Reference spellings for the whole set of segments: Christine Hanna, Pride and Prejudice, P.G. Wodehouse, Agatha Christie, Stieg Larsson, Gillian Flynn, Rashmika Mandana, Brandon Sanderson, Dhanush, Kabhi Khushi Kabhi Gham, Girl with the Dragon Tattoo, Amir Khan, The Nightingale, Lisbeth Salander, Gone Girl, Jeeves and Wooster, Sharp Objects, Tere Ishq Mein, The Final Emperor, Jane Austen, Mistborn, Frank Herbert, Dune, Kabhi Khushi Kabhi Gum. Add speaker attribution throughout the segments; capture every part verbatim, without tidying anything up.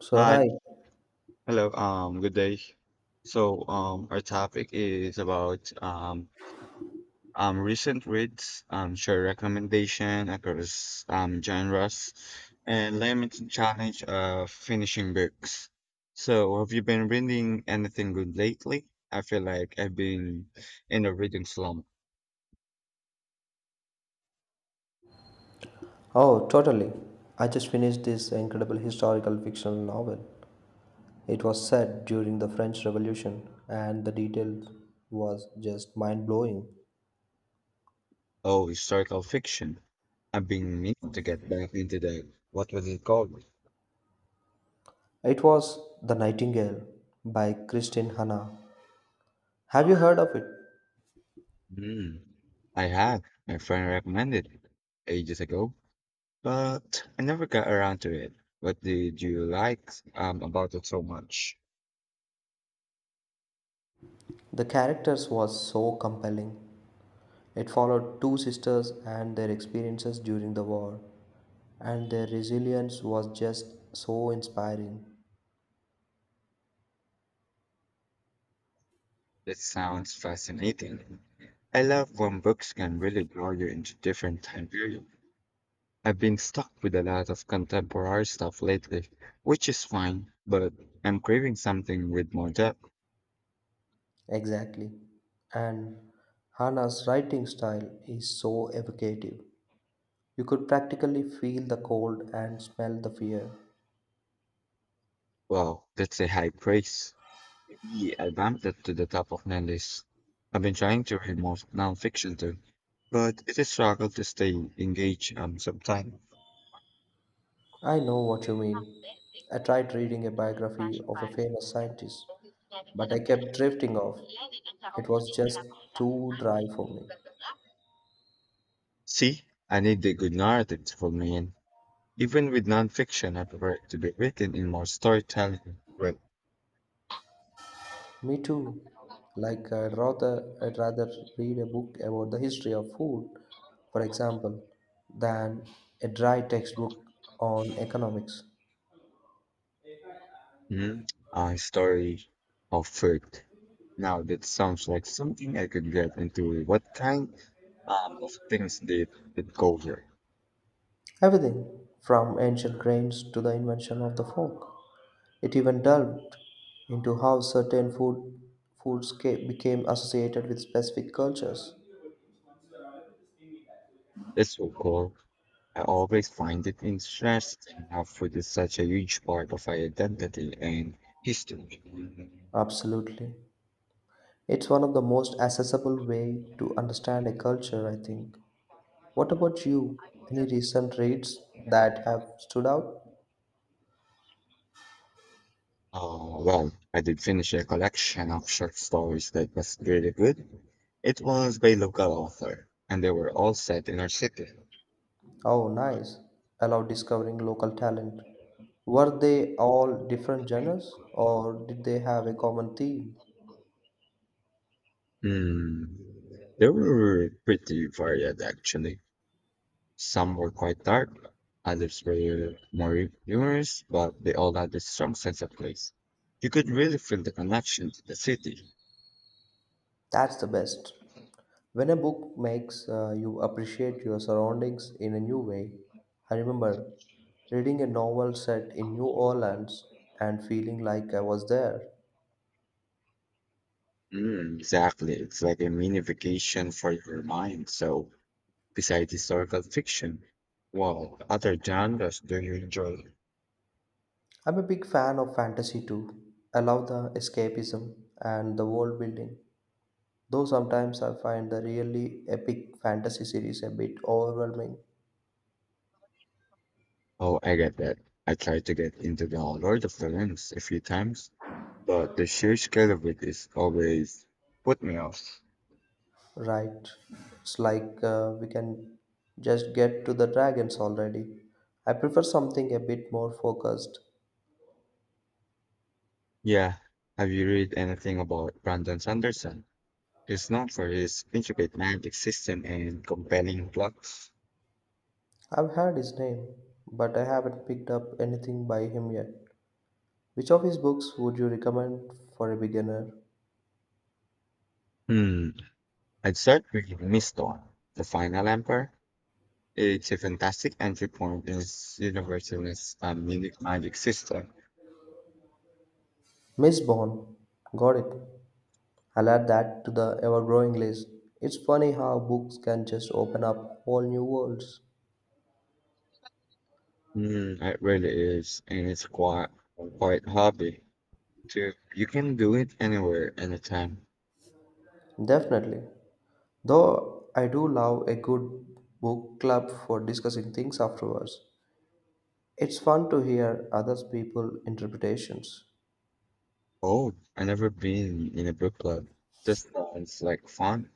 Speaker 1: So,
Speaker 2: Hi,
Speaker 1: hi.
Speaker 2: hello, um, good day. So, um, our topic is about um, um, recent reads, um, share recommendation across um, genres, and limited challenge of finishing books. So, have you been reading anything good lately? I feel like I've been in a reading slump.
Speaker 1: Oh, totally. I just finished this incredible historical fictional novel. It was set during the French Revolution, and the detail was just mind blowing.
Speaker 2: Oh, historical fiction. I've been meaning to get back into the what was it called?
Speaker 1: It was The Nightingale by Christine Hanna. Have you heard of it?
Speaker 2: Hmm. I had. My friend recommended it ages ago. But I never got around to it. What did you like um, about it so much?
Speaker 1: The characters was so compelling. It followed two sisters and their experiences during the war, and their resilience was just so inspiring.
Speaker 2: That sounds fascinating. I love when books can really draw you into different time periods. I've been stuck with a lot of contemporary stuff lately, which is fine, but I'm craving something with more depth.
Speaker 1: Exactly. And Hannah's writing style is so evocative. You could practically feel the cold and smell the fear.
Speaker 2: Wow, that's a high praise. Yeah, I bumped it to the top of my list. I've been trying to read more nonfiction too, but it is struggle to stay engaged um, sometimes.
Speaker 1: I know what you mean. I tried reading a biography of a famous scientist, but I kept drifting off. It was just too dry for me.
Speaker 2: See, I need the good narrative to pull me in. Even with nonfiction, I prefer it to be written in more storytelling, right?
Speaker 1: Me too. Like I'd rather, I'd rather read a book about the history of food, for example, than a dry textbook on economics.
Speaker 2: Mm, a story of food. Now that sounds like something I could get into. What kind um, of things did it go here?
Speaker 1: Everything from ancient grains to the invention of the fork. It even delved into how certain food foods ca- became associated with specific cultures.
Speaker 2: It's so cool. I always find it interesting how food is such a huge part of our identity and history.
Speaker 1: Absolutely. It's one of the most accessible way to understand a culture, I think. What about you? Any recent reads that have stood out?
Speaker 2: Uh, well, I did finish a collection of short stories that was really good. It was by local author, and they were all set in our city.
Speaker 1: Oh, nice. Allow discovering local talent. Were they all different genres or did they have a common theme?
Speaker 2: Hmm. They were pretty varied, actually. Some were quite dark, others were more humorous, but they all had a strong sense of place. You could really feel the connection to the city.
Speaker 1: That's the best. When a book makes uh, you appreciate your surroundings in a new way, I remember reading a novel set in New Orleans and feeling like I was there.
Speaker 2: Mm, exactly. It's like a mini vacation for your mind. So, besides historical fiction, what other genres do you enjoy?
Speaker 1: I'm a big fan of fantasy too. I love the escapism and the world building, though sometimes I find the really epic fantasy series a bit overwhelming.
Speaker 2: Oh, I get that. I tried to get into the Lord of the Rings a few times. But the sheer scale of it is always put me off.
Speaker 1: Right, it's like uh, we can just get to the dragons already. I prefer something a bit more focused.
Speaker 2: Yeah. Have you read anything about Brandon Sanderson? He's known for his intricate magic system and compelling plots.
Speaker 1: I've heard his name, but I haven't picked up anything by him yet. Which of his books would you recommend for a beginner?
Speaker 2: Hmm. I'd start with Mistborn, The Final Emperor. It's a fantastic entry point in its universalist um, unique magic system.
Speaker 1: Miss Bond. Got it. I'll add that to the ever growing list. It's funny how books can just open up whole new worlds.
Speaker 2: Hmm. It really is, and it's quite quite hobby. So you can do it anywhere, anytime.
Speaker 1: Definitely. Though I do love a good book club for discussing things afterwards. It's fun to hear other people's interpretations.
Speaker 2: Oh, I never been in a book club. That sounds like fun.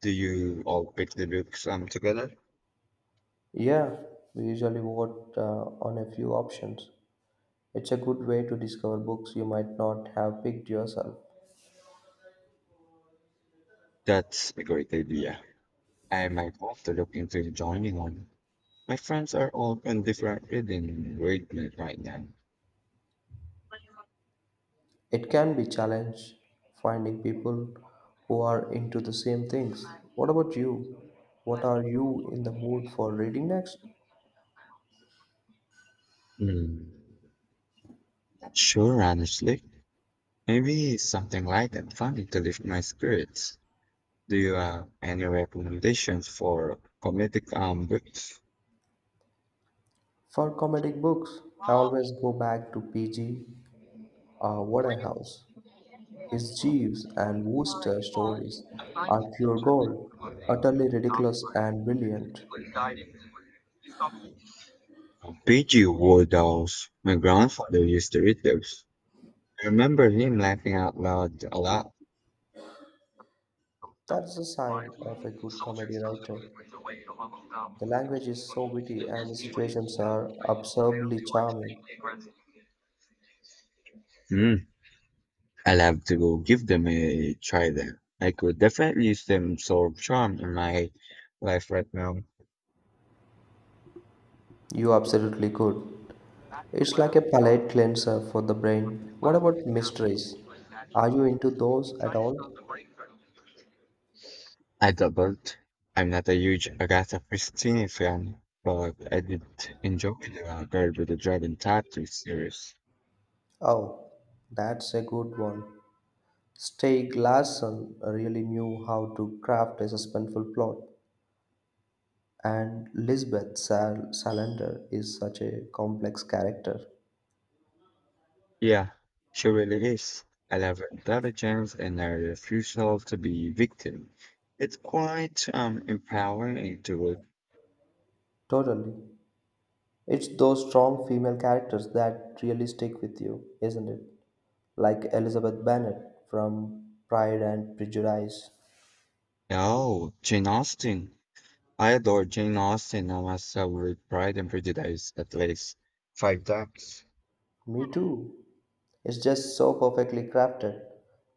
Speaker 2: Do you all pick the books um together?
Speaker 1: Yeah, we usually vote uh, on a few options. It's a good way to discover books you might not have picked yourself.
Speaker 2: That's a great idea. I might have to look into joining one. My friends are all on different reading regimen right now.
Speaker 1: It can be challenge finding people who are into the same things. What about you? What are you in the mood for reading next?
Speaker 2: Hmm. Not sure, honestly. Maybe something light and funny to lift my spirits. Do you have any recommendations for comedic um books?
Speaker 1: For comedic books, I always go back to P G. Uh, Waterhouse. His Jeeves and Wooster stories are pure gold, utterly ridiculous and brilliant.
Speaker 2: P G. Wodehouse. My grandfather used to read those. I remember him laughing out loud a lot.
Speaker 1: That's a sign of a good comedy writer. The language is so witty and the situations are absurdly charming.
Speaker 2: Mm, I'll have to go give them a try then. I could definitely use them so charm in my life right now.
Speaker 1: You absolutely could. It's like a palate cleanser for the brain. What about mysteries? Are you into those at all?
Speaker 2: I doubled. I'm not a huge Agatha Christie fan, but I did enjoy the uh, Girl with the Dragon Tattoo series.
Speaker 1: Oh, that's a good one. Stieg Larsson really knew how to craft a suspenseful plot, and Lisbeth Sal- Salander is such a complex character.
Speaker 2: Yeah, she really is. I love her intelligence and her refusal to be victim. It's quite um empowering to
Speaker 1: Totally. It's those strong female characters that really stick with you, isn't it? Like Elizabeth Bennet from Pride and Prejudice.
Speaker 2: Oh, Jane Austen. I adore Jane Austen and I saw with Pride and Prejudice at least five times.
Speaker 1: Me too. It's just so perfectly crafted.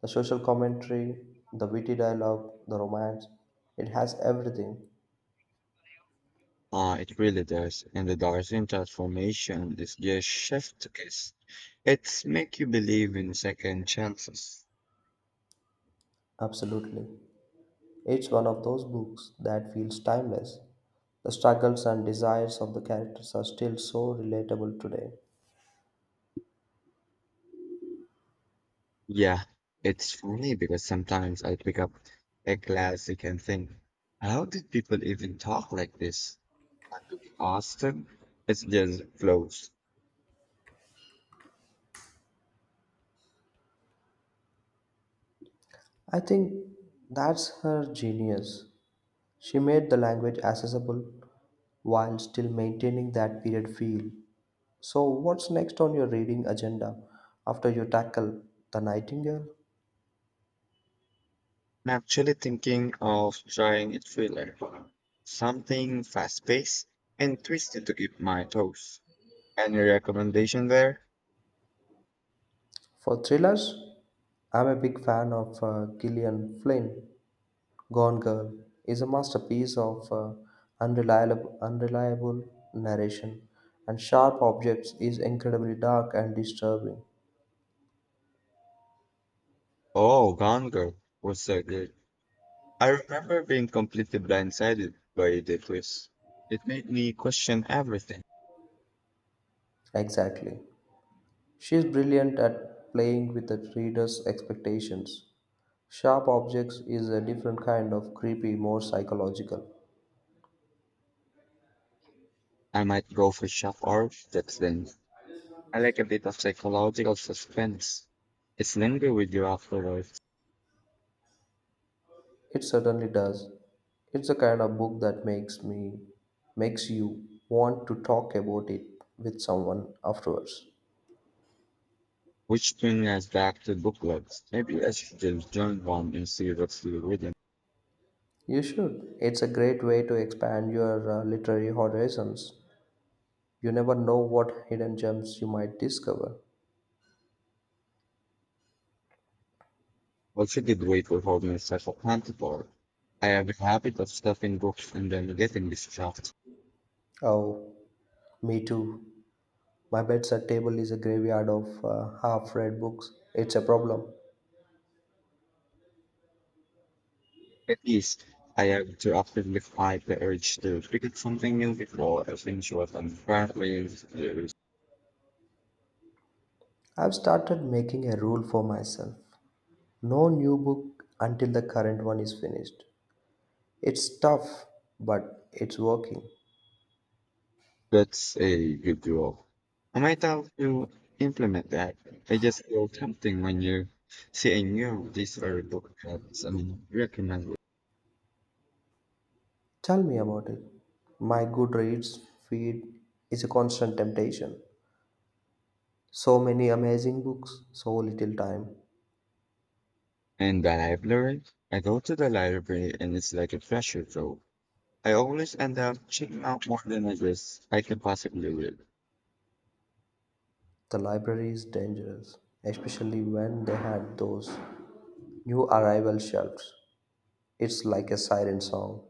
Speaker 1: The social commentary, the witty dialogue, the romance, it has everything.
Speaker 2: Uh, it really does. And the Darwin transformation is just chef's kiss. It's make you believe in second chances.
Speaker 1: Absolutely. It's one of those books that feels timeless. The struggles and desires of the characters are still so relatable today.
Speaker 2: Yeah, it's funny because sometimes I pick up a classic and think, how did people even talk like this? Austen, it just flows.
Speaker 1: I think that's her genius. She made the language accessible while still maintaining that period feel. So, what's next on your reading agenda after you tackle The Nightingale?
Speaker 2: I'm actually thinking of trying a thriller, something fast-paced and twisted to keep my toes. Any recommendation there?
Speaker 1: For thrillers, I'm a big fan of uh, Gillian Flynn. Gone Girl is a masterpiece of uh, unreliable, unreliable narration, and Sharp Objects is incredibly dark and disturbing.
Speaker 2: Oh, Gone Girl was so good. I remember being completely blindsided by the twist. It made me question everything.
Speaker 1: Exactly. She is brilliant at playing with the reader's expectations. Sharp Objects is a different kind of creepy, more psychological.
Speaker 2: I might go for shock or that's then. I like a bit of psychological suspense. It's linger with you afterwards.
Speaker 1: It certainly does. It's the kind of book that makes me makes you want to talk about it with someone afterwards.
Speaker 2: Which brings us back to book clubs. Maybe I should just join one and see what's still reading.
Speaker 1: You should. It's a great way to expand your uh, literary horizons. You never know what hidden gems you might discover.
Speaker 2: Also, great for holding myself accountable. I have a habit of stuffing books and then getting distracted.
Speaker 1: Oh, me too. My bedside table is a graveyard of uh, half-read books. It's a problem.
Speaker 2: At least I have to actively fight the urge to pick up something new before I finish what I'm currently doing.
Speaker 1: I've started making a rule for myself. No new book until the current one is finished. It's tough, but it's working.
Speaker 2: That's a good goal. I might have to implement that. I just feel tempting when you see a new release or a book that's I mean recommended.
Speaker 1: Tell me about it. My Goodreads feed is a constant temptation. So many amazing books, so little time.
Speaker 2: And the library, I go to the library and it's like a treasure trove. I always end up checking out more than I guess I can possibly read.
Speaker 1: The library is dangerous, especially when they had those new arrival shelves. It's like a siren song.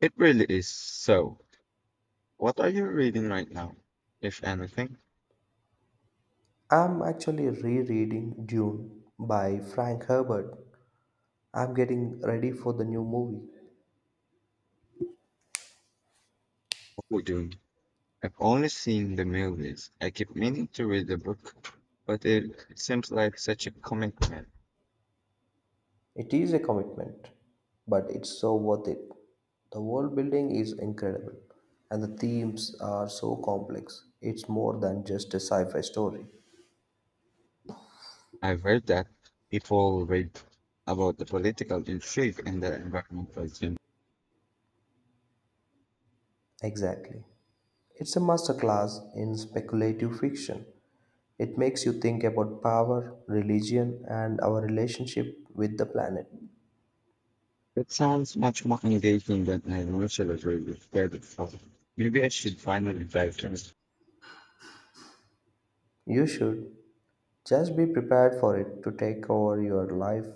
Speaker 2: It really is. So, what are you reading right now? If anything,
Speaker 1: I'm actually rereading Dune by Frank Herbert. I'm getting ready for the new movie.
Speaker 2: what we're doing? I've only seen the mail list. I keep meaning to read the book, but it seems like such a commitment.
Speaker 1: It is a commitment, but it's so worth it. The world building is incredible, and the themes are so complex. It's more than just a sci fi story.
Speaker 2: I've heard that people read about the political intrigue and the environmental agenda.
Speaker 1: Exactly. It's a masterclass in speculative fiction. It makes you think about power, religion, and our relationship with the planet.
Speaker 2: That sounds much more engaging than I initially read. With Maybe I should finally dive into it.
Speaker 1: You should just be prepared for it to take over your life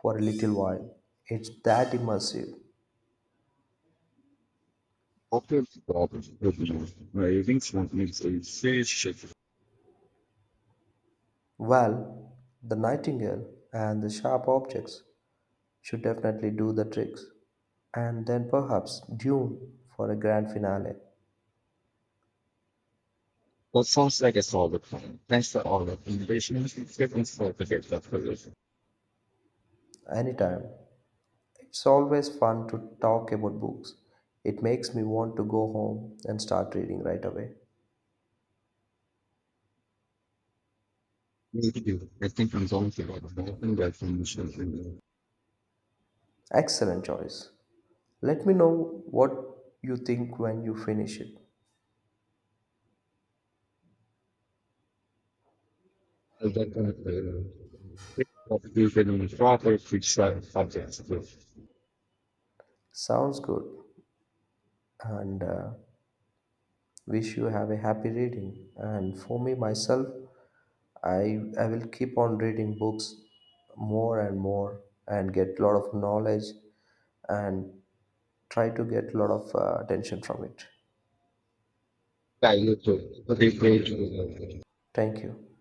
Speaker 1: for a little while. It's that immersive.
Speaker 2: Open problem reviews where using smart is serious shift.
Speaker 1: Well, the nightingale and the sharp objects should definitely do the tricks. And then perhaps Dune for a grand finale.
Speaker 2: What sounds like a solid plan. Thanks for all the innovation and for the data figures.
Speaker 1: Anytime. It's always fun to talk about books. It makes me want to go home and start reading right away.
Speaker 2: Maybe you, I think I'm going to go more in that information. In the-
Speaker 1: Excellent choice. Let me know what you think when you finish it.
Speaker 2: I'll get on the quick of the proper quick subjects with.
Speaker 1: Sounds good. And uh, wish you have a happy reading. And for me, myself, I I will keep on reading books more and more and get a lot of knowledge and try to get a lot of uh, attention from it.
Speaker 2: Yeah, you too. Okay,
Speaker 1: Thank you.